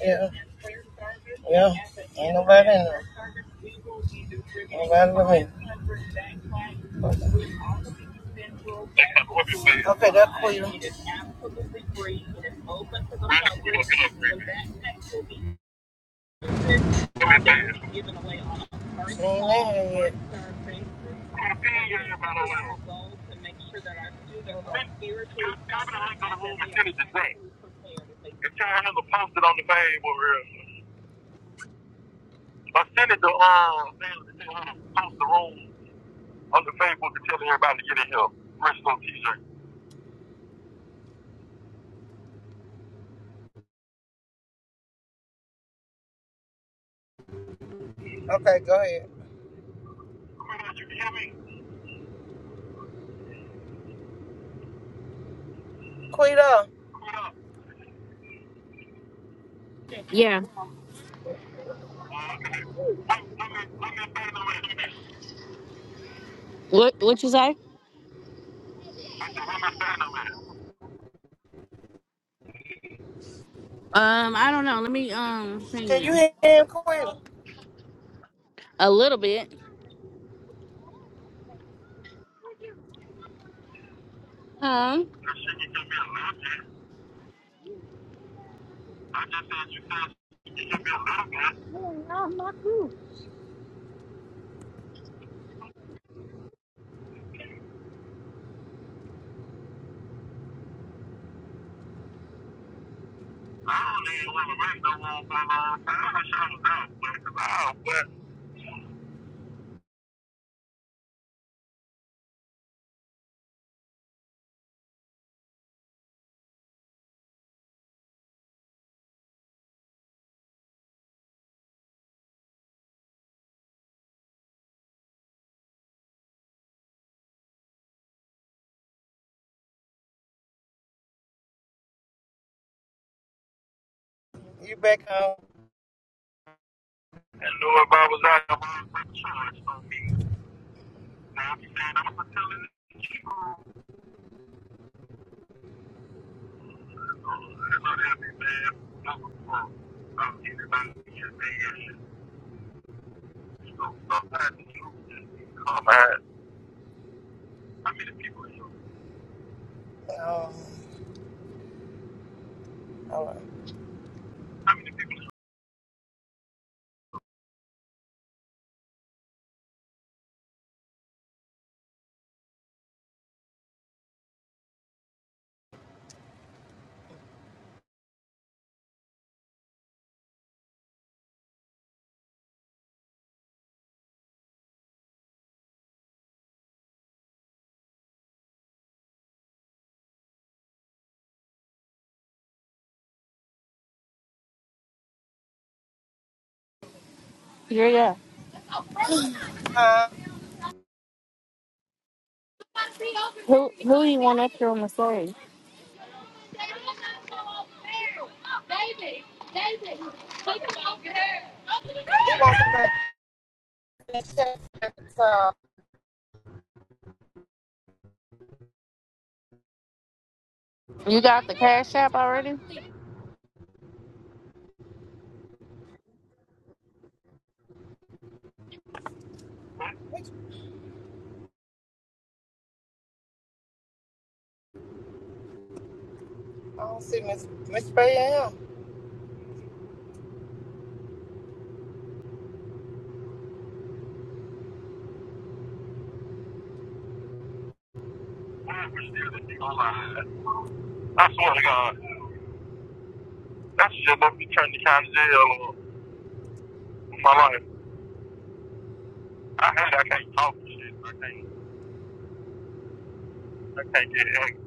Yeah, yeah. Ain't nobody in there. Ain't nobody with me. Okay, that's clear. Amen. If y'all haven't posted on the Facebook, I sent it to uh, post the room on the Facebook to tell everybody to get in here. Bristol T-shirt. Okay, go ahead. Quito, you hear me? Quita, Quito, Yeah. let me let me say no man. What what you say? Say no man. Um, I don't know. Let me um ping can you them. hear him, Quita? A little bit. Huh? I said it could be a little bit. I just said you said it could be a little bit. I don't even want to wait no more for a long time. I should have done it. I went You back home? and knew if I was out I would my charged on me. Now I'm saying I'm going to tell it to you. the truth. I'm not happy, man. I'm anybody in your man. So sometimes you just come out. How many people are you? Um, all right. How many people Yeah, yeah. Huh? Who who you want up here on the stage? It won't. be I You got the cash app already? don't see Miss Miss Bayam. I swear to God, that shit about me turn the kind of jail on my life. I had I can't talk and shit. I can't I can't get angry.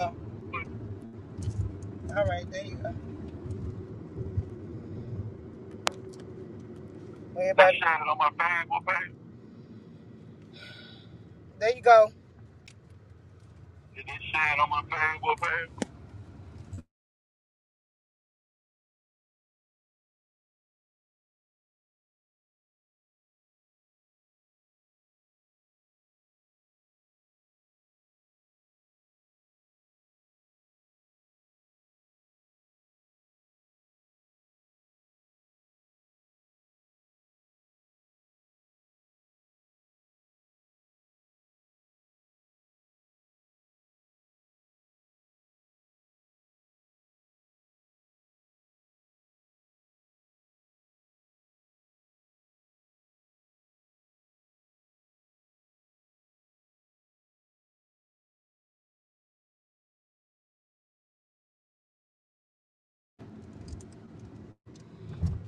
Oh, all right, there you go. They Everybody, shining on my bag, boy, babe. there you go. Did They shining on my bag, boy, babe.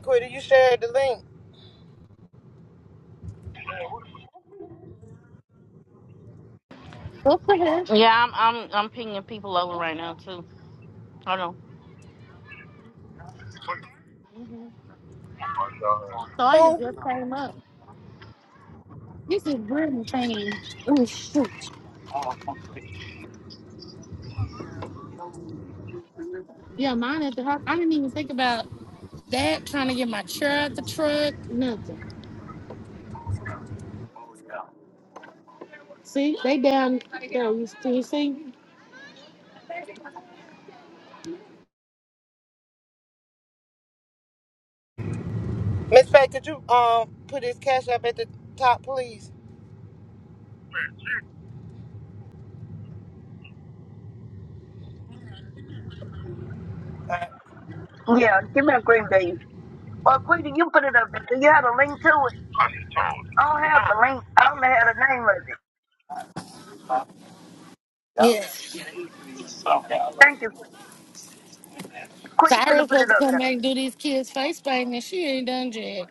Quitter, you shared the link. Yeah, I'm I'm I'm pinging people over right now too. Hold on. Oh my So I just God. Who? came up. This is Brittany thing. Oh shoot. Yeah, mine at the house. I didn't even think about that. Trying to get my chair out the truck. Nothing. See, they down there. You see? you see? Miss Faye, could you um put his cash up at the top, please? Man, Yeah, give me a green bean. Well, Quita, you put it up there. Do you have a link to it? I just told you. I don't have the link. I only had the name of it. Yes. Thank you. Quita Quita finna Cyrus put it supposed to up come back there. and do these kids face painting and she ain't done yet.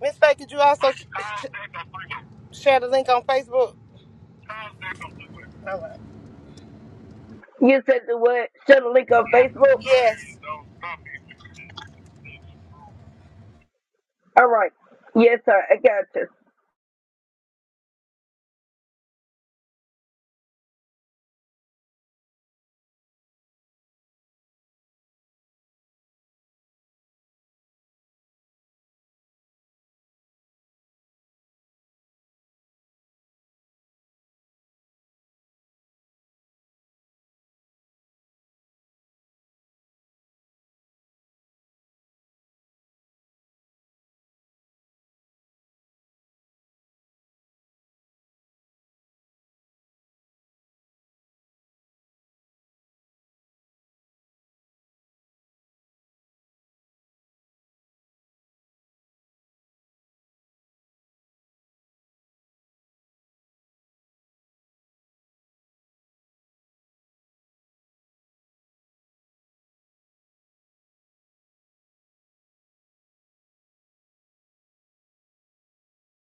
Miss Faye, could you also sh- sh- share the link on Facebook? All right. You said the what? Share the link on Facebook? Yes. All right. Yes, sir. I got you.